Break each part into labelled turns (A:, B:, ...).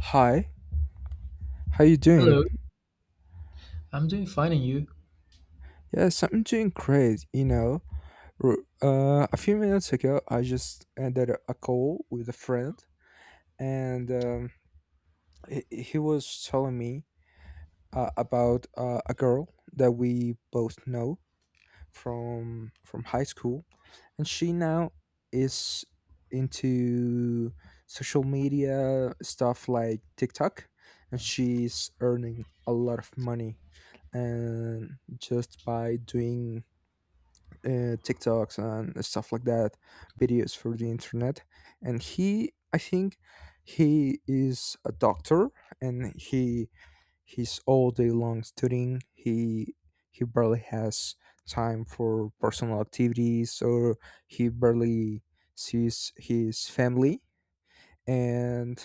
A: Hi, how you doing?
B: Hello, I'm doing fine, and you?
A: Yes, I'm doing great. You know, a few minutes ago, I just ended a call with a friend, and he was telling me about a girl that we both know from high school, and she now is into social media stuff like TikTok, and she's earning a lot of money and just by doing TikToks and stuff like that, videos for the internet. And he, I think, he is a doctor, and he's all day long studying. He barely has time for personal activities, or he barely sees his family. And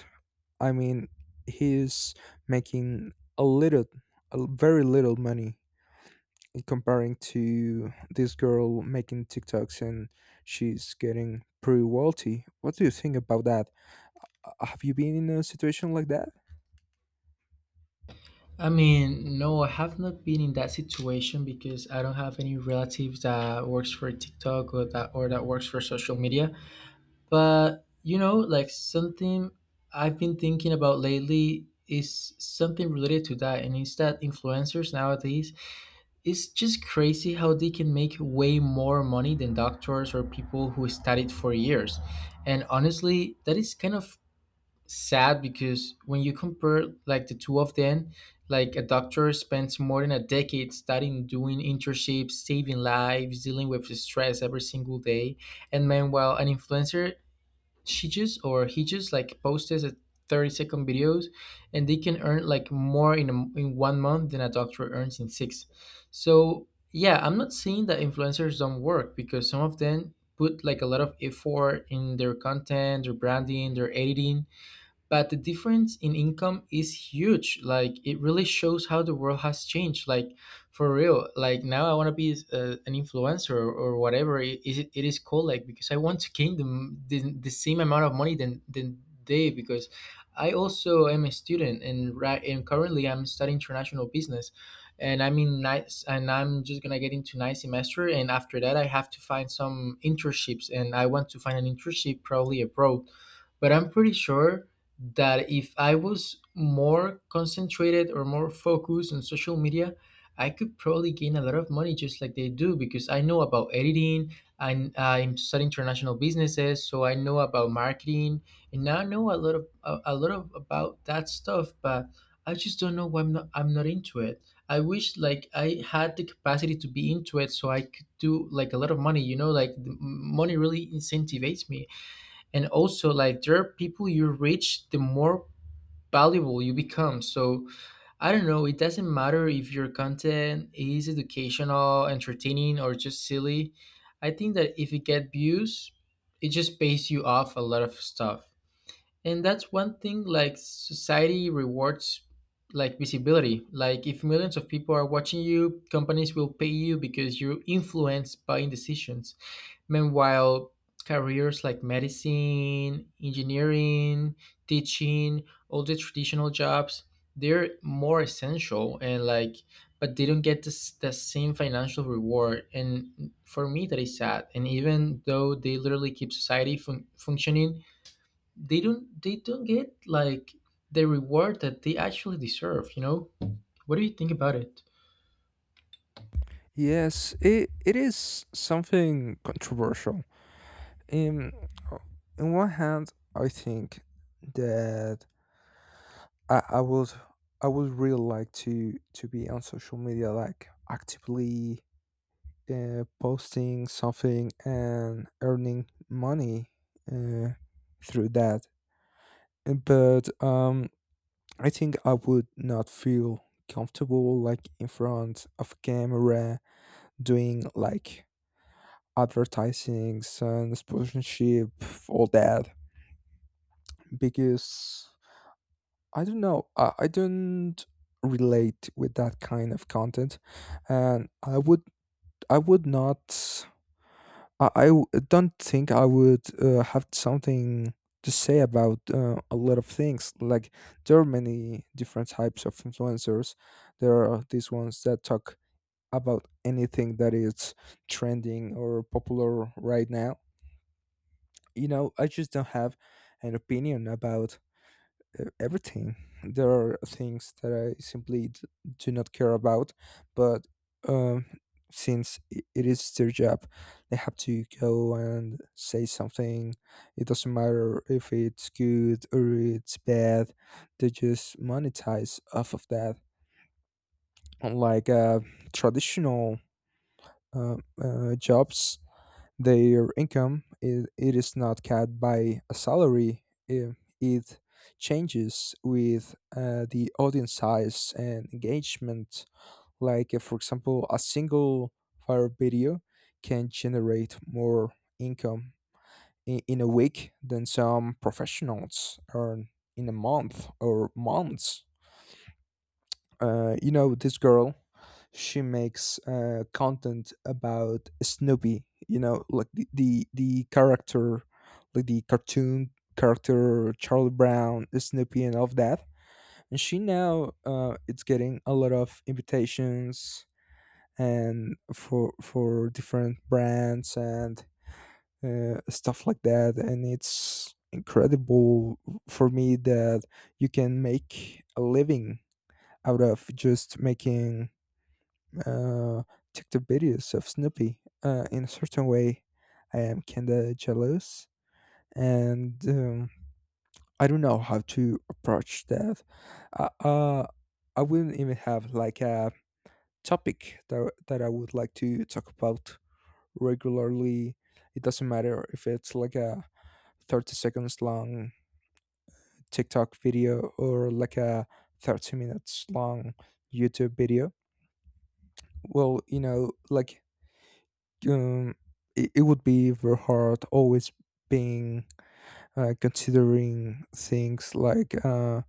A: I mean, he's making a little, a very little money comparing to this girl making TikToks, and she's getting pretty wealthy. What do you think about that? Have you been in a situation like that?
B: I mean, no, I have not been in that situation because I don't have any relatives that works for TikTok or that works for social media. But you know, like something I've been thinking about lately is something related to that, and it's that influencers nowadays, it's just crazy how they can make way more money than doctors or people who studied for years. And honestly, that is kind of sad because when you compare like the two of them, like a doctor spends more than a decade studying, doing internships, saving lives, dealing with the stress every single day, and meanwhile an influencer, she just or he just like posts a 30-second videos and they can earn like more in 1 month than a doctor earns in six. So yeah, I'm not saying that influencers don't work because some of them put like a lot of effort in their content, their branding, their editing, but the difference in income is huge. Like it really shows how the world has changed, like for real. Like now I want to be an influencer or whatever it is called, like, because I want to gain the same amount of money than they because I also am a student and right, and currently I'm studying international business, and I'm in nice, and I'm just gonna get into ninth semester, and after that I have to find some internships, and I want to find an internship probably abroad. But I'm pretty sure that if I was more concentrated or more focused on social media, I could probably gain a lot of money just like they do, because I know about editing and I'm studying international businesses, so I know about marketing, and now I know a lot of a lot of about that stuff, but I just don't know why I'm not into it. I wish like I had the capacity to be into it so I could do like a lot of money, you know, like money really incentivates me. And also, like, there are people you reach, the more valuable you become. So I don't know, it doesn't matter if your content is educational, entertaining, or just silly. I think that if it get views, it just pays you off a lot of stuff. And that's one thing, like society rewards like visibility. Like if millions of people are watching you, companies will pay you because you influence buying decisions. Meanwhile, careers like medicine, engineering, teaching, all the traditional jobs, they're more essential, and like, but they don't get the same financial reward, and for me that is sad. And even though they literally keep society functioning, they don't get like the reward that they actually deserve, you know? What do you think about it?
A: Yes, it is something controversial. In uh, in one hand, I think that I, I would I would really like to be on social media, like actively posting something and earning money uh, through that. But I think I would not feel comfortable like in front of camera, doing like advertisings and sponsorship, all that, because I don't know, I don't relate with that kind of content, and I would not I I w- don't think I would have something to say about a lot of things. Like, there are many different types of influencers. There are these ones that talk about anything that is trending or popular right now. You know, I just don't have an opinion about everything. There are things that I simply do not care about, but um, since it is their job, they have to go and say something. It doesn't matter if it's good or it's bad. They just monetize off of that. Unlike traditional uh, jobs, their income, it is not capped by a salary. eh, It changes with the audience size and engagement. Like, for example, a single viral video can generate more income in a week than some professionals earn in a month or months. You know, this girl, she makes content about Snoopy, you know, like the character, like the cartoon character, Charlie Brown, Snoopy, and all of that. And she now, it's getting a lot of invitations and for different brands and stuff like that, and it's incredible for me that you can make a living out of just making uh, TikTok videos of Snoopy. In a certain way, I am kinda jealous, and I don't know how to approach that. Uh, uh, I wouldn't even have like a topic that I would like to talk about regularly. It doesn't matter if it's like a 30 seconds long TikTok video or like a 30 minutes long YouTube video. Well, you know, like um, it would be very hard always being considering things like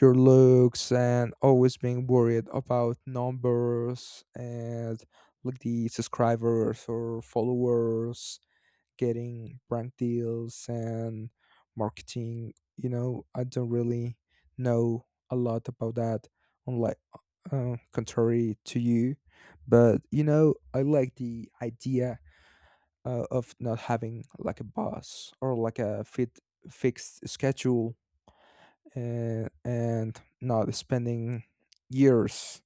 A: your looks, and always being worried about numbers and like the subscribers or followers, getting brand deals and marketing. You know, I don't really know a lot about that, unlike, contrary to you. But you know, I like the idea of not having like a boss or like a fit fixed schedule, and not spending years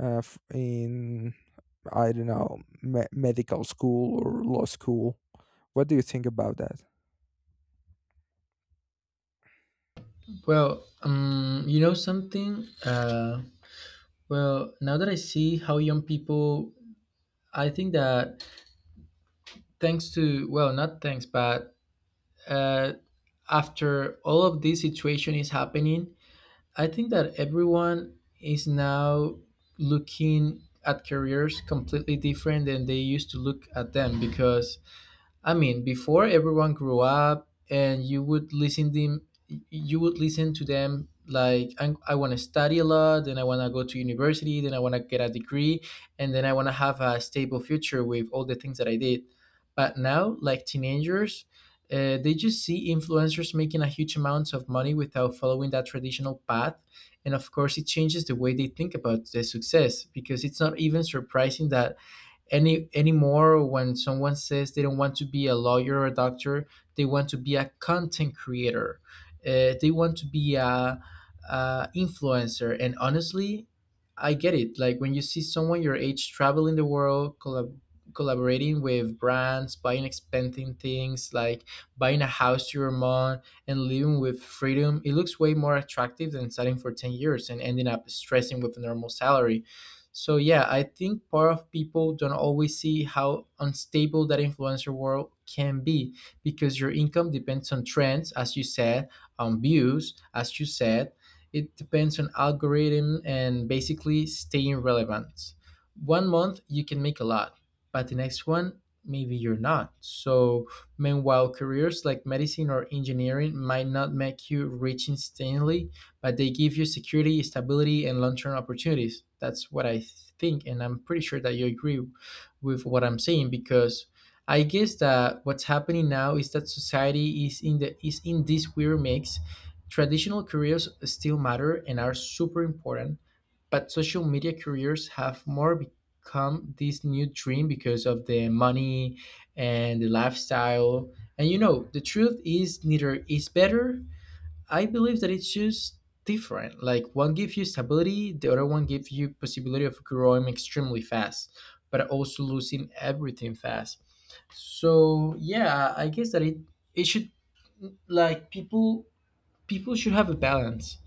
A: in, I don't know, medical school or law school. What do you think about that?
B: Well, you know, something, well, now that I see how young people, I think that, thanks to, well, not thanks, but uh after all of this situation is happening, I think that everyone is now looking at careers completely different than they used to look at them. Because I mean, before, everyone grew up, and you would listen them, you would listen to them like, I want to study a lot, then I want to go to university, then I want to get a degree, and then I want to have a stable future with all the things that I did. But now, like teenagers, they just see influencers making a huge amount of money without following that traditional path. And of course, it changes the way they think about the success, because it's not even surprising that anymore when someone says they don't want to be a lawyer or a doctor, they want to be a content creator, they want to be a influencer. And honestly, I get it. Like when you see someone your age traveling the world, collaborating with brands, buying expensive things, like buying a house to your mom, and living with freedom, it looks way more attractive than studying for 10 years and ending up stressing with a normal salary. So yeah, I think part of people don't always see how unstable that influencer world can be, because your income depends on trends, as you said, on views, as you said. It depends on algorithm and basically staying relevant. 1 month you can make a lot, but the next one maybe you're not. So meanwhile, careers like medicine or engineering might not make you rich instantly, but they give you security, stability, and long-term opportunities. That's what I think, and I'm pretty sure that you agree with what I'm saying, because I guess that what's happening now is that society is in the, is in this weird mix. Traditional careers still matter and are super important, but social media careers have more become this new dream because of the money and the lifestyle. And you know, the truth is neither is better. I believe that it's just different. Like one gives you stability, the other one gives you possibility of growing extremely fast, but also losing everything fast. So yeah, I guess that it should, like people, people should have a balance.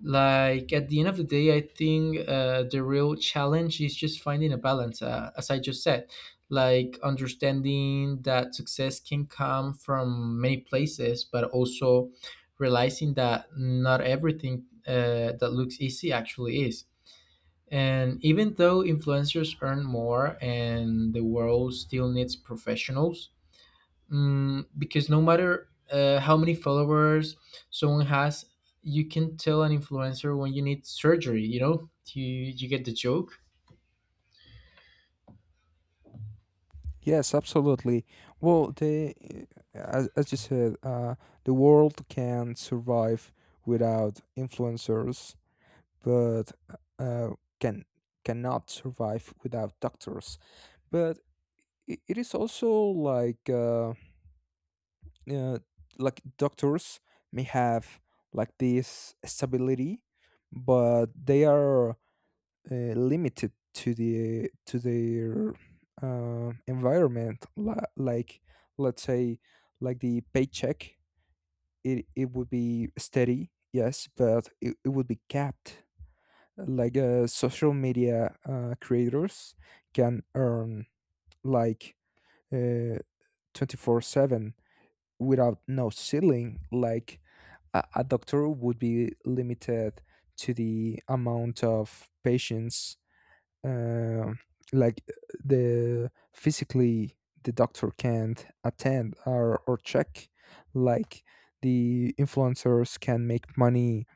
B: Like at the end of the day, I think the real challenge is just finding a balance, as I just said, like understanding that success can come from many places, but also realizing that not everything that looks easy actually is. And even though influencers earn more and the world still needs professionals, mm, because no matter how many followers someone has, you can tell an influencer when you need surgery. You know, you get the joke.
A: Yes, absolutely. Well, as you said, the world can survive without influencers, but uh, can cannot survive without doctors. But I it is also uh, like doctors may have like this stability, but they are limited to their environment, like, let's say, like the paycheck, it would be steady, yes, but it would be capped. Like social media creators can earn like, uh, 24/7 without no ceiling. Like a doctor would be limited to the amount of patients uh, like the physically the doctor can't attend or check, like the influencers can make money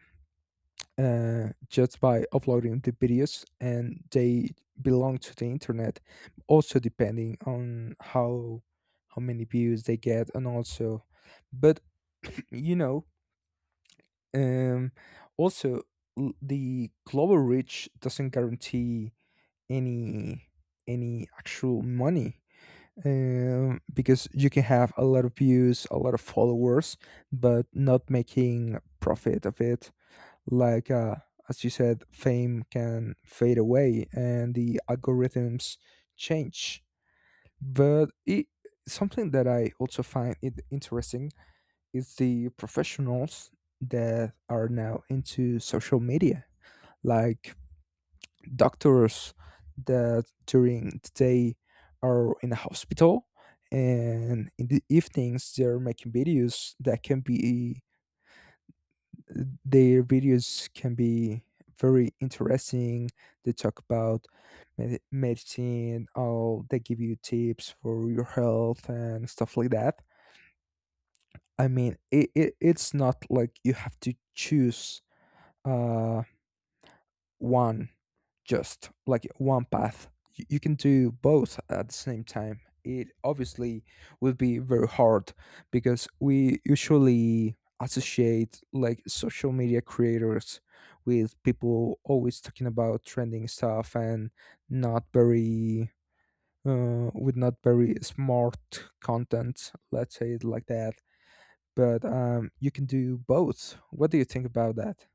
A: just by uploading the videos, and they belong to the internet, also depending on how many views they get. And also, but you know, um also, the global reach doesn't guarantee any any actual money, because you can have a lot of views, a lot of followers, but not making profit of it. Like, as you said, fame can fade away and the algorithms change. But something that I also find it interesting is the professionals that are now into social media, like doctors that during the day are in a hospital, and in the evenings they're making videos that can be their videos can be very interesting. They talk about medicine, or they give you tips for your health and stuff like that. I mean, it's not like you have to choose uh, one, just like one path. You, can do both at the same time. It obviously will be very hard because we usually associate like social media creators with people always talking about trending stuff and not very with not very smart content, let's say it like that, but you can do both. What do you think about that?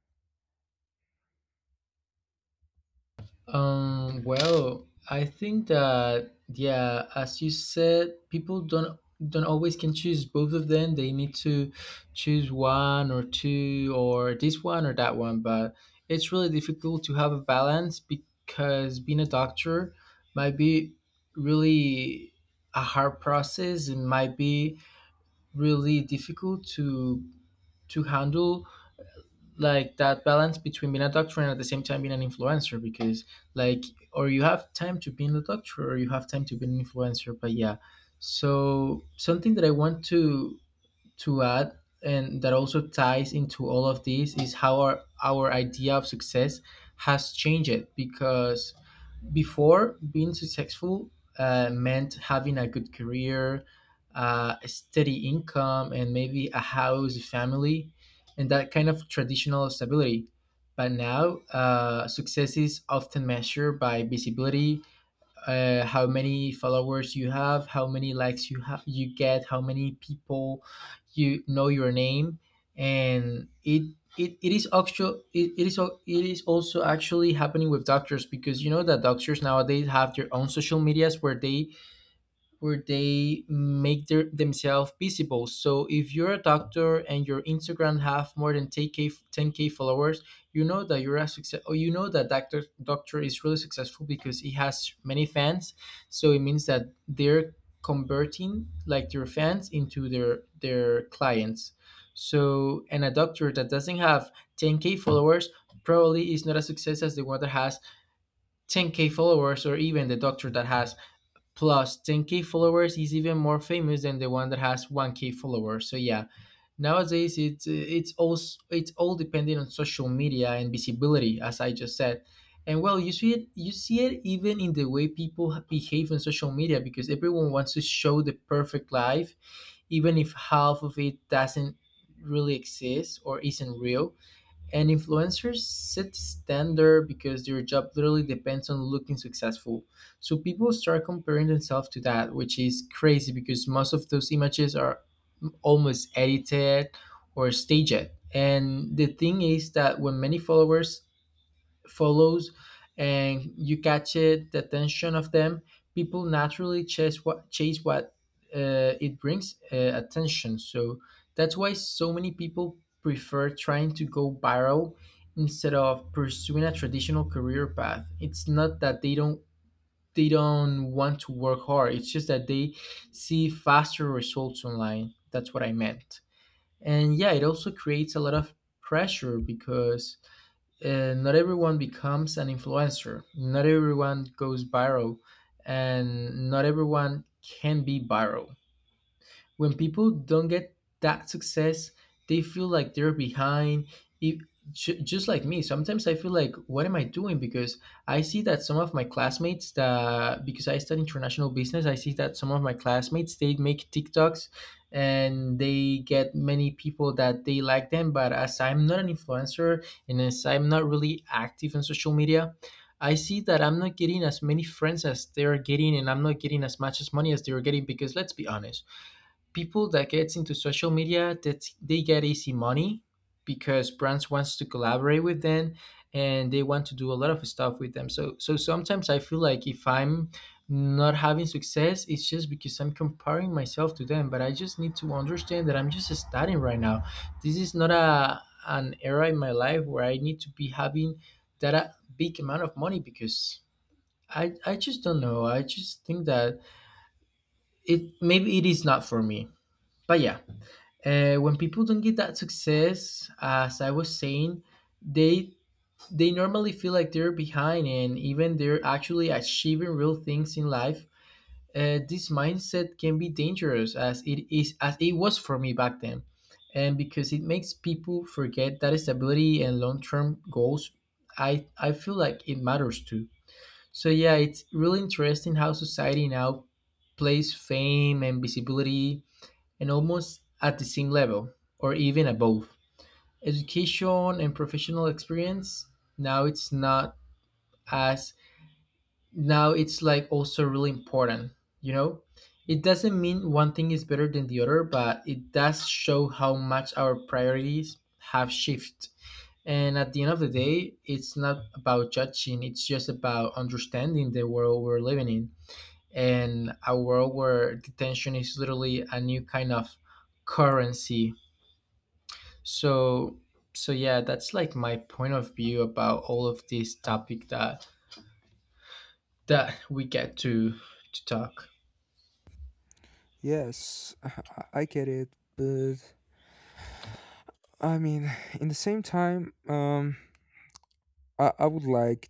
B: Well, I think that, yeah, as you said, people don't always can choose both of them. They need to choose one or two or this one or that one, but it's really difficult to have a balance because being a doctor might be really a hard process. It might be really difficult to handle like that balance between being a doctor and at the same time being an influencer, because, like, or you have time to be in the doctor or you have time to be an influencer, but yeah. So something that I want to add, and that also ties into all of this, is how our idea of success has changed. Because before, being successful meant having a good career, a steady income, and maybe a house, a family, and that kind of traditional stability. But now success is often measured by visibility, how many followers you have, how many likes you have, you get, how many people you know your name. And it, it is actual, it is it is also actually happening with doctors, because you know that doctors nowadays have their own social medias where they make their, themselves visible. So if you're a doctor and your Instagram have more than 10k followers, you know that you're a success, or you know that doctor is really successful because he has many fans. So it means that they're converting like their fans into their clients. So, and a doctor that doesn't have 10k followers probably is not as success as the one that has 10k followers, or even the doctor that has Plus, 10k followers, is even more famous than the one that has 1k followers. So yeah, nowadays it's it's all dependent on social media and visibility, as I just said. And well, you see it even in the way people behave on social media, because everyone wants to show the perfect life, even if half of it doesn't really exist or isn't real. And influencers set the standard because their job literally depends on looking successful. So people start comparing themselves to that, which is crazy because most of those images are almost edited or staged. And the thing is that when many followers follows and you catch it, the attention of them, people naturally chase what, it brings attention. So that's why so many people prefer trying to go viral instead of pursuing a traditional career path. It's not that they don't want to work hard. It's just that they see faster results online. That's what I meant. And yeah, it also creates a lot of pressure because, not everyone becomes an influencer, not everyone goes viral, and not everyone can be viral. When people don't get that success, they feel like they're behind. If, just like me, sometimes I feel like, what am I doing? Because I see that some of my classmates, that, because I study international business, I see that some of my classmates, they make TikToks and they get many people that they like them. But as I'm not an influencer and as I'm not really active on social media, I see that I'm not getting as many friends as they're getting, and I'm not getting as much as money as they're getting because let's be honest, people that gets into social media that they get easy money because brands wants to collaborate with them and they want to do a lot of stuff with them, so sometimes I feel like if I'm not having success it's just because I'm comparing myself to them, but I just need to understand that I'm just starting right now. This is not a an era in my life where I need to be having that a big amount of money, because I just don't know. I just think that it maybe it is not for me, but yeah. When people don't get that success, as I was saying, they they normally feel like they're behind and even they're actually achieving real things in life. This mindset can be dangerous, as it is, as it was for me back then, and because it makes people forget that stability and long-term goals, I feel like it matters too. So yeah, it's really interesting how society now plays fame and visibility and almost at the same level or even above. Education and professional experience, now it's not as, now it's like also really important, you know? It doesn't mean one thing is better than the other, but it does show how much our priorities have shifted. And at the end of the day, it's not about judging, it's just about understanding the world we're living in, and a world where detention is literally a new kind of currency. So so yeah, that's like my point of view about all of this topic that that we get to talk.
A: Yes, I get it, but I mean, in the same time, I would like,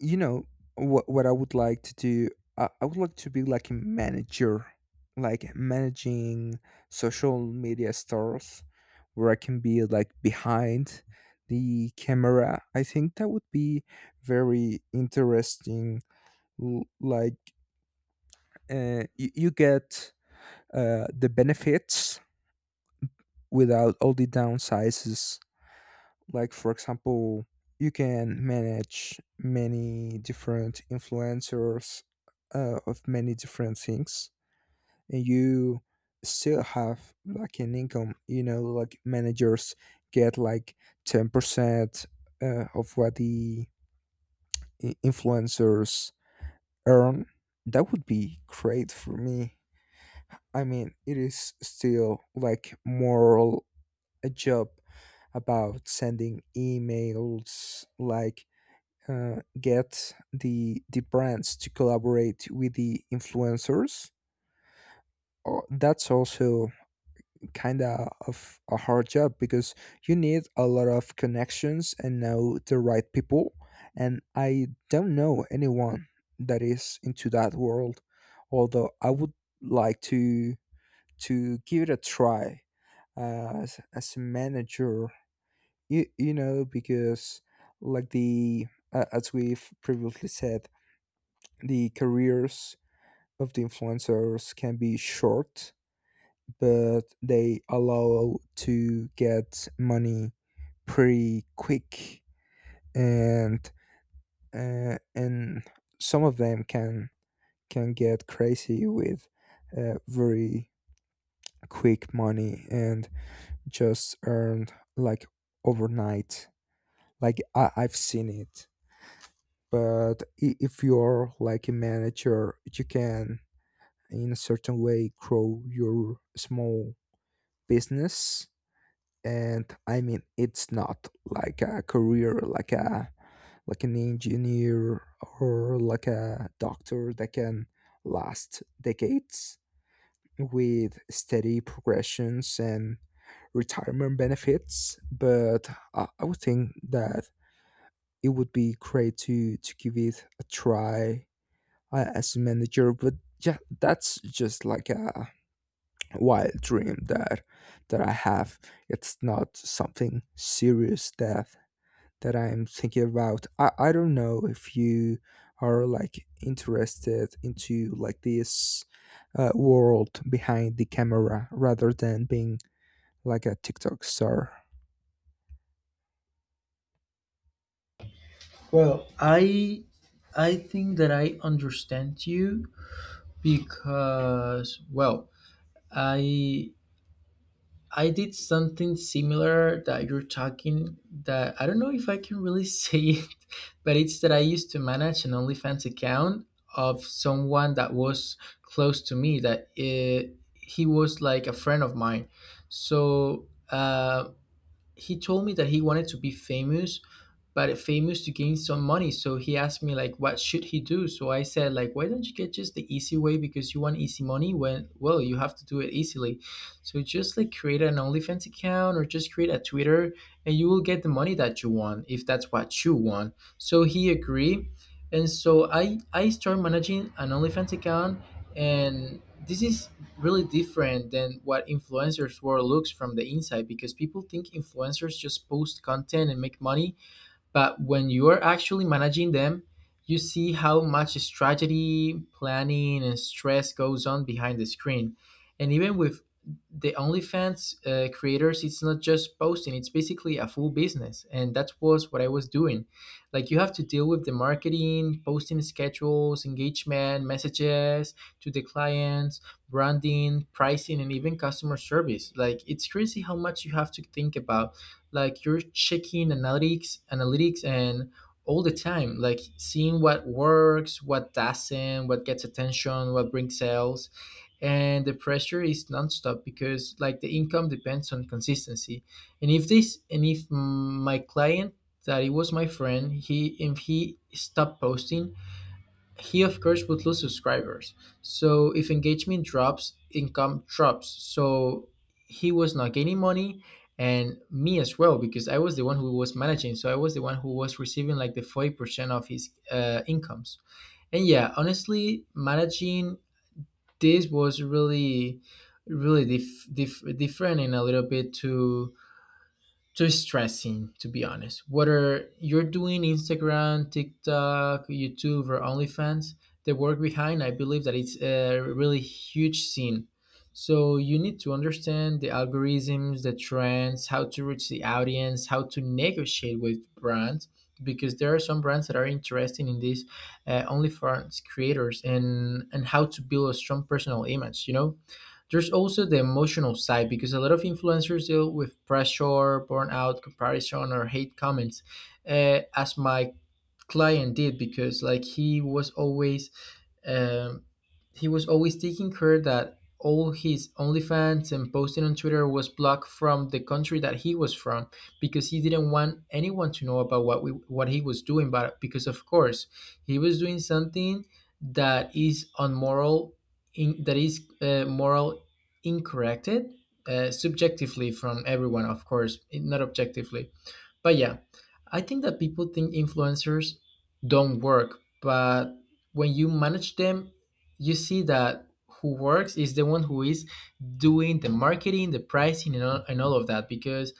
A: you know, what I would like to do. I would like to be like a manager, like managing social media stars, where I can be like behind the camera. I think that would be very interesting. Like, you get the benefits without all the downsides. Like, for example, you can manage many different influencers of many different things, and you still have like an income. You know, like managers get like 10% of what the influencers earn. That would be great for me. I mean, it is still like more a job about sending emails, like, get the brands to collaborate with the influencers. That's also kind of a hard job because you need a lot of connections and know the right people, and I don't know anyone that is into that world, although I would like to give it a try, as a manager, you know, because like the as we've previously said, the careers of the influencers can be short, but they allow to get money pretty quick, and uh, and some of them can get crazy with very quick money and just earned like overnight. Like, I've seen it. But if you're like a manager, you can in a certain way grow your small business. And I mean, it's not like a career like a like an engineer or like a doctor that can last decades with steady progressions and retirement benefits, but I would think that it would be great to give it a try as a manager. But yeah, that's just like wild dream that I have. It's not something serious that I'm thinking about. I don't know if you are like interested into like this world behind the camera rather than being like a TikTok star.
B: Well, I think that I understand you, because well, i I did something similar that you're talking, that I don't know if I can really say it, but it's that I used to manage an OnlyFans account of someone that was close to me, that he was like a friend of mine. So he told me that he wanted to be famous, but famous to gain some money. So he asked me like, what should he do? So I said like, why don't you get just the easy way because you want easy money? When well, you have to do it easily. So just like create an OnlyFans account or just create a Twitter, and you will get the money that you want if that's what you want. So he agreed, and so I start managing an OnlyFans account, and this is really different than what influencers world looks from the inside, because people think influencers just post content and make money, but when you are actually managing them, you see how much strategy, planning, and stress goes on behind the screen. And even with the OnlyFans creators, it's not just posting; it's basically a full business, and that was what I was doing. Like you have to deal with the marketing, posting schedules, engagement, messages to the clients, branding, pricing, and even customer service. Like it's crazy how much you have to think about. Like you're checking analytics and all the time, like seeing what works, what doesn't, what gets attention, what brings sales. And the pressure is nonstop because like the income depends on consistency. And if this and if my client, that he was my friend, he if he stopped posting, he, of course, would lose subscribers. So if engagement drops, income drops. So he was not gaining money, and me as well because I was the one who was managing. So I was the one who was receiving like the 40% of his incomes. And yeah, honestly, managing this was really, really different and a little bit to too stressing, to be honest. Whether you're doing Instagram, TikTok, YouTube or OnlyFans, the work behind, I believe that it's a really huge scene. So you need to understand the algorithms, the trends, how to reach the audience, how to negotiate with brands, because there are some brands that are interested in these OnlyFans creators, and how to build a strong personal image, you know. There's also the emotional side, because a lot of influencers deal with pressure, burnout, comparison, or hate comments. As my client did, because like um, he was always taking care that all his OnlyFans and posting on Twitter was blocked from the country that he was from, because he didn't want anyone to know about what we what he was doing. But because of course he was doing something that is unmoral, in, that is moral incorrect, subjectively from everyone, of course, not objectively. But yeah, I think that people think influencers don't work, but when you manage them, you see that who works is the one who is doing the marketing, the pricing, and all, of that. Because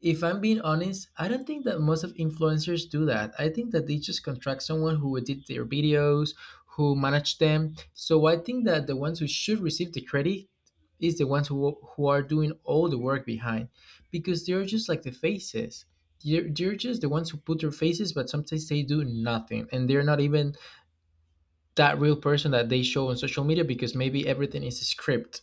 B: if I'm being honest, I don't think that most of influencers do that. I think that they just contract someone who edit their videos, who manage them. So I think that the ones who should receive the credit is the ones who are doing all the work behind, because they're just like the faces. They're just the ones who put their faces, but sometimes they do nothing, and they're not even that real person that they show on social media, because maybe everything is a script.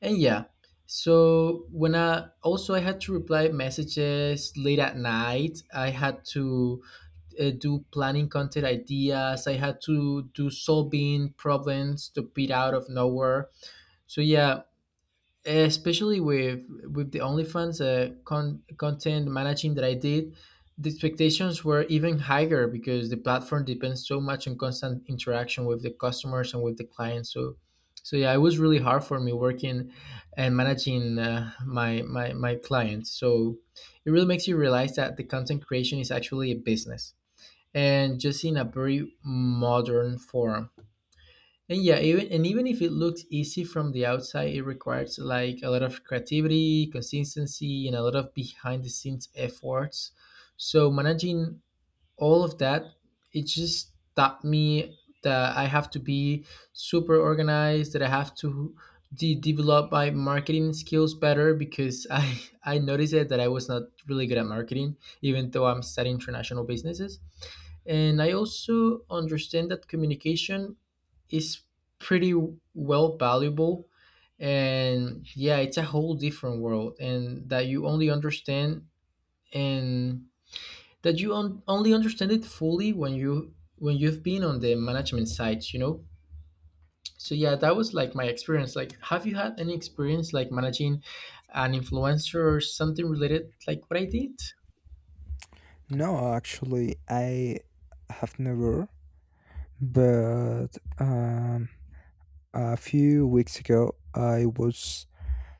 B: And yeah, so when I also I had to reply messages late at night. I had to do planning content ideas. I had to do solving problems to beat out of nowhere. So yeah, especially with the OnlyFans content managing that I did, the expectations were even higher because the platform depends so much on constant interaction with the customers and with the clients. So, so yeah, it was really hard for me working and managing my my clients. So, it really makes you realize that the content creation is actually a business, and just in a very modern form. And yeah, even if it looks easy from the outside, it requires like a lot of creativity, consistency, and a lot of behind the scenes efforts. So managing all of that, it just taught me that I have to be super organized, that I have to develop my marketing skills better, because I I noticed it that I was not really good at marketing, even though I'm studying international businesses. And I also understand that communication is pretty well valuable. And yeah, it's a whole different world, and that you only understand, and that you on, only understand it fully when you've been on the management sides, you know. So yeah, that was like my experience. Like, have you had any experience like managing an influencer or something related like what I did?
A: No, actually, I have never. But um, a few weeks ago, I was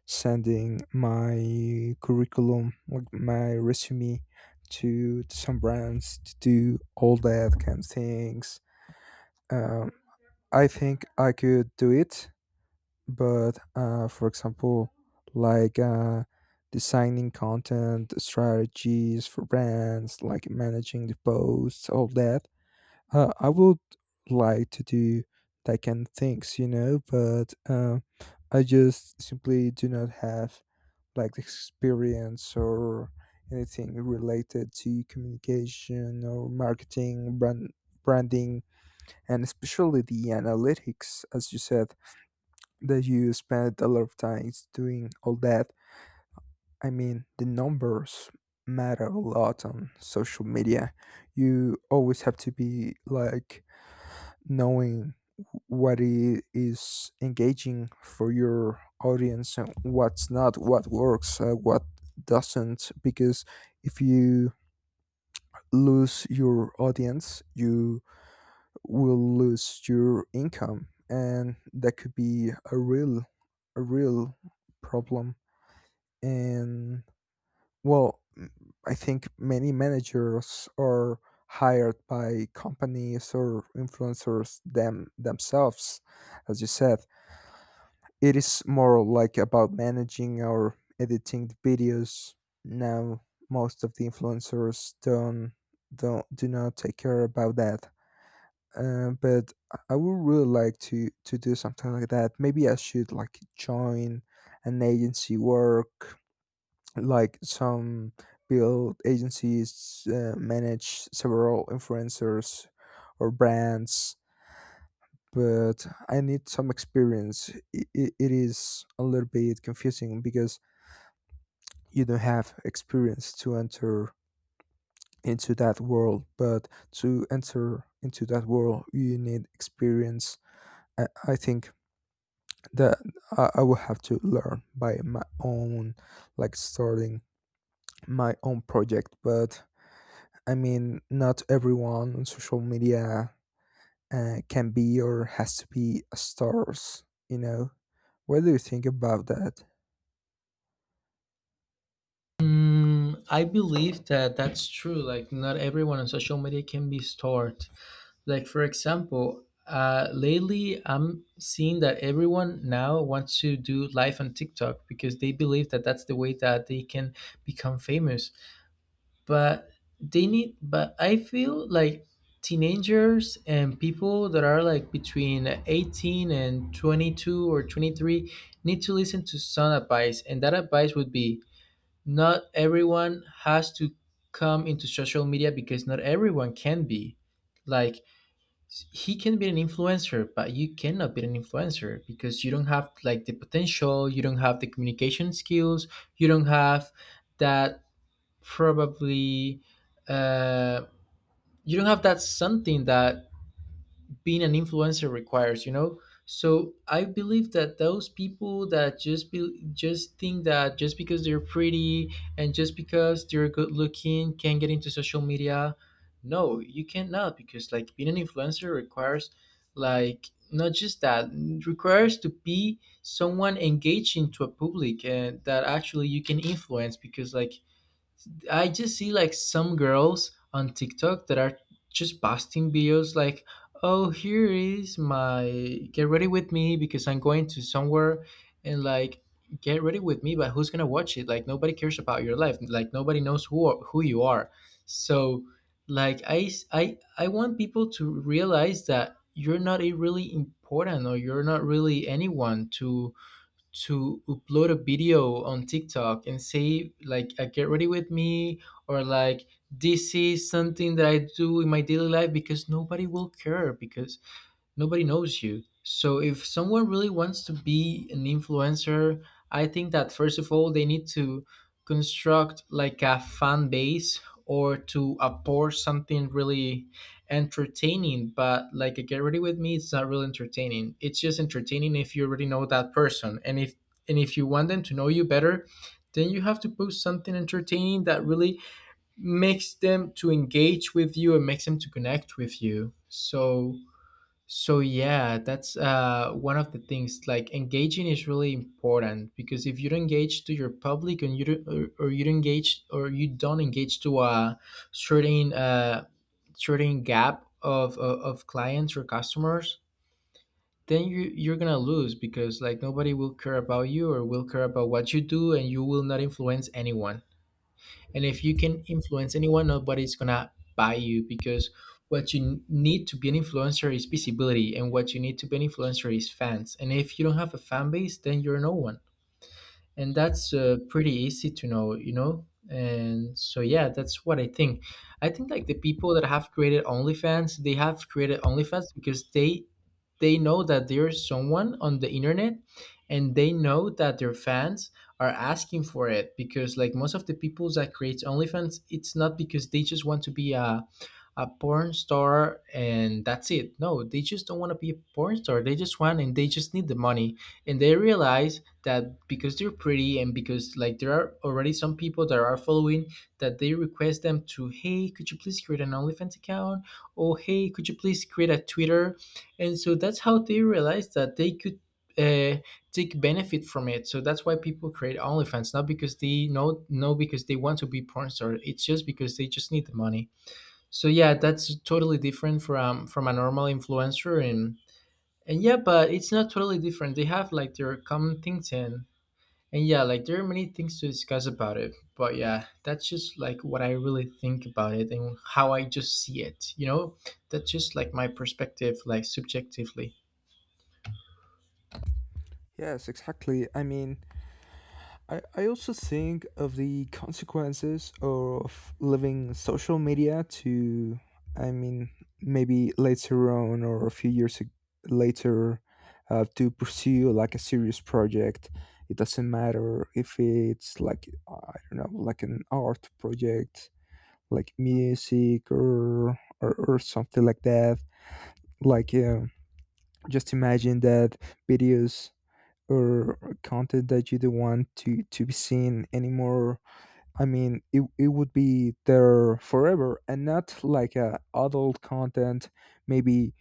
A: sending my curriculum, like my resume, to some brands to do all that kind of things. Um, I think I could do it, but for example, like designing content, strategies for brands, like managing the posts, all that. I would like to do that kind of things, you know, but I just simply do not have like experience or anything related to communication or marketing, branding, and especially the analytics, as you said, that you spend a lot of time doing all that. I mean, the numbers matter a lot on social media. You always have to be like knowing what is engaging for your audience and what's not, what works, what doesn't. Because if you lose your audience, you will lose your income, and that could be a real problem. And well, I think many managers are hired by companies or influencers themselves, as you said. It is more like about managing or editing the videos. Now, most of the influencers don't do not take care about that. But I would really like to do something like that. Maybe I should like join an agency, work like some build agencies, manage several influencers or brands, but I need some experience. It is a little bit confusing because you don't have experience to enter into that world, but to enter into that world you need experience. I think that I will have to learn by my own, like starting my own project. But I mean, not everyone on social media can be or has to be a stars, you know? What do you think about that?
B: Mm, I believe that that's true. Like, not everyone on social media can be stored. Like, for example, lately I'm seeing that everyone now wants to do live on TikTok because they believe that that's the way that they can become famous. But They need, but I feel like teenagers and people that are like between 18 and 22 or 23 need to listen to some advice, and that advice would be, not everyone has to come into social media because not everyone can be like, he can be an influencer, but you cannot be an influencer because you don't have like the potential, you don't have the communication skills, you don't have that probably, uh, you don't have that something that being an influencer requires, you know. So I believe that those people that just think that just because they're pretty and just because they're good looking can get into social media, no, you cannot, because like being an influencer requires like not just that, it requires to be someone engaging to a public and that actually you can influence. Because like I just see like some girls on TikTok that are just posting videos like, "Oh, here is my get ready with me because I'm going to somewhere," and like, "Get ready with me," but who's gonna watch it? Like nobody cares about your life. Like nobody knows who you are. So, like I s- I want people to realize that you're not a really important or you're not really anyone to upload a video on TikTok and say like a get ready with me or like this is something that I do in my daily life because nobody will care because nobody knows you. So if someone really wants to be an influencer, I think that first of all they need to construct like a fan base or to approach something really entertaining. But like get ready with me, it's not really entertaining. It's just entertaining if you already know that person. And if you want them to know you better, then you have to post something entertaining that really makes them to engage with you and makes them to connect with you. So yeah, that's one of the things. Like engaging is really important because if you don't engage to your public and you don't, or you don't engage or you don't engage to a certain certain gap of clients or customers, then you're gonna lose because like nobody will care about you or will care about what you do, and you will not influence anyone and if you can influence anyone nobody's gonna buy you because what you need to be an influencer is visibility and what you need to be an influencer is fans and if you don't have a fan base then you're no one and that's pretty easy to know, you know, and so yeah, that's what I think. I think like the people that have created OnlyFans, they have created OnlyFans because they know that there's someone on the internet and they know that their fans are asking for it because like most of the people that creates OnlyFans, it's not because they just want to be a porn star and that's it. No, they just don't want to be a porn star. They just want and they just need the money. And they realize that because they're pretty and because like there are already some people that are following that they request them to, hey, could you please create an OnlyFans account? Oh, hey, could you please create a Twitter, and so that's how they realized that they could uh, take benefit from it. So that's why people create OnlyFans, not because they know, no, because they want to be porn star. It's just because they just need the money. So yeah, that's totally different from a normal influencer, and yeah, but it's not totally different. They have like their common things and. And yeah, like there are many things to discuss about it, but yeah, that's just like what I really think about it and how I just see it, you know? That's just like my perspective, like subjectively.
A: Yes, exactly. I mean, I also think of the consequences of leaving social media, to, I mean, maybe later on or a few years later to pursue like a serious project. It doesn't matter if it's like, I don't know, like an art project, like music or something like that, like just imagine that videos or content that you don't want to be seen anymore. I mean, it would be there forever. And not like a adult content, maybe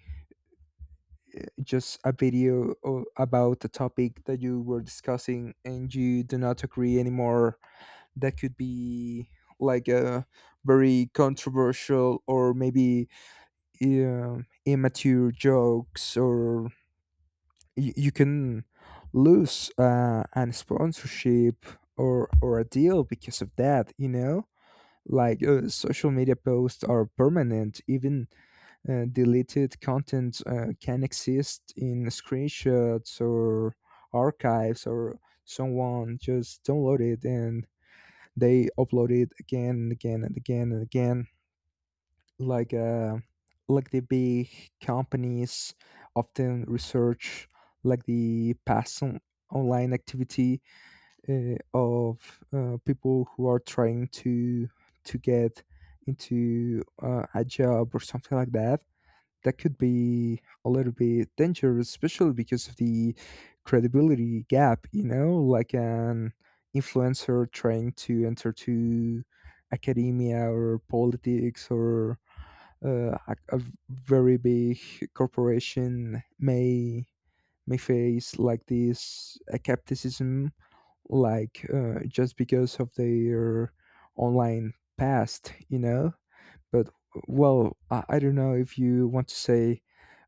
A: just a video about a topic that you were discussing and you do not agree anymore. That could be like a very controversial, or maybe uh, immature jokes, or you can lose an sponsorship or a deal because of that, you know. Like social media posts are permanent. Even deleted content can exist in screenshots or archives, or someone just download it and they upload it again and again and again and again. Like like the big companies often research like the past online activity of people who are trying to get into a job or something like that. That could be a little bit dangerous, especially because of the credibility gap, you know. Like an influencer trying to enter to academia or politics, or a very big corporation, may face like this skepticism, like just because of their online past, you know. But well, I don't know if you want to say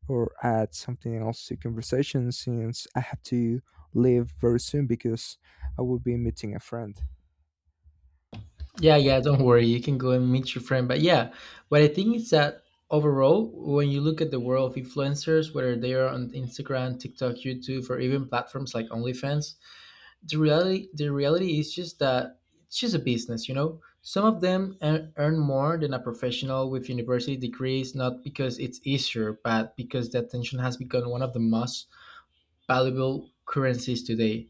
A: or add something else to conversation, since I have to leave very soon because I will be meeting a friend.
B: Yeah, yeah, don't worry. You can go and meet your friend. But yeah, what I think is that overall, when you look at the world of influencers, whether they are on Instagram, TikTok, YouTube, or even platforms like OnlyFans, the reality is just that it's just a business, you know? Some of them earn more than a professional with university degrees, not because it's easier, but because the attention has become one of the most valuable currencies today.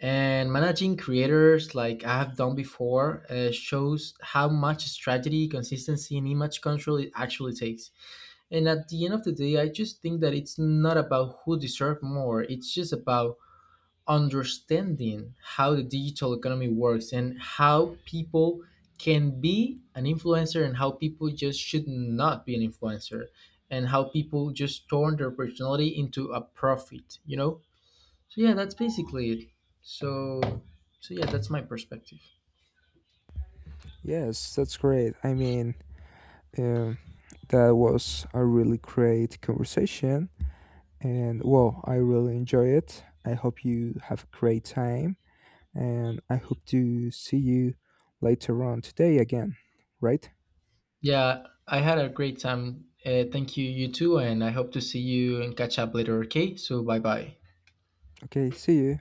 B: And managing creators, like I have done before, shows how much strategy, consistency, and image control it actually takes. And at the end of the day, I just think that it's not about who deserves more, it's just about understanding how the digital economy works and how people can be an influencer and how people just should not be an influencer and how people just turn their personality into a profit, you know, so yeah, that's basically it. So so yeah, that's my perspective.
A: Yes, that's great. I mean, um, that was a really great conversation, and well, I really enjoy it. I hope you have a great time, and I hope to see you later on today again, right?
B: Yeah, I had a great time. Thank you, you too, and I hope to see you and catch up later. Okay, so bye bye.
A: Okay, see you.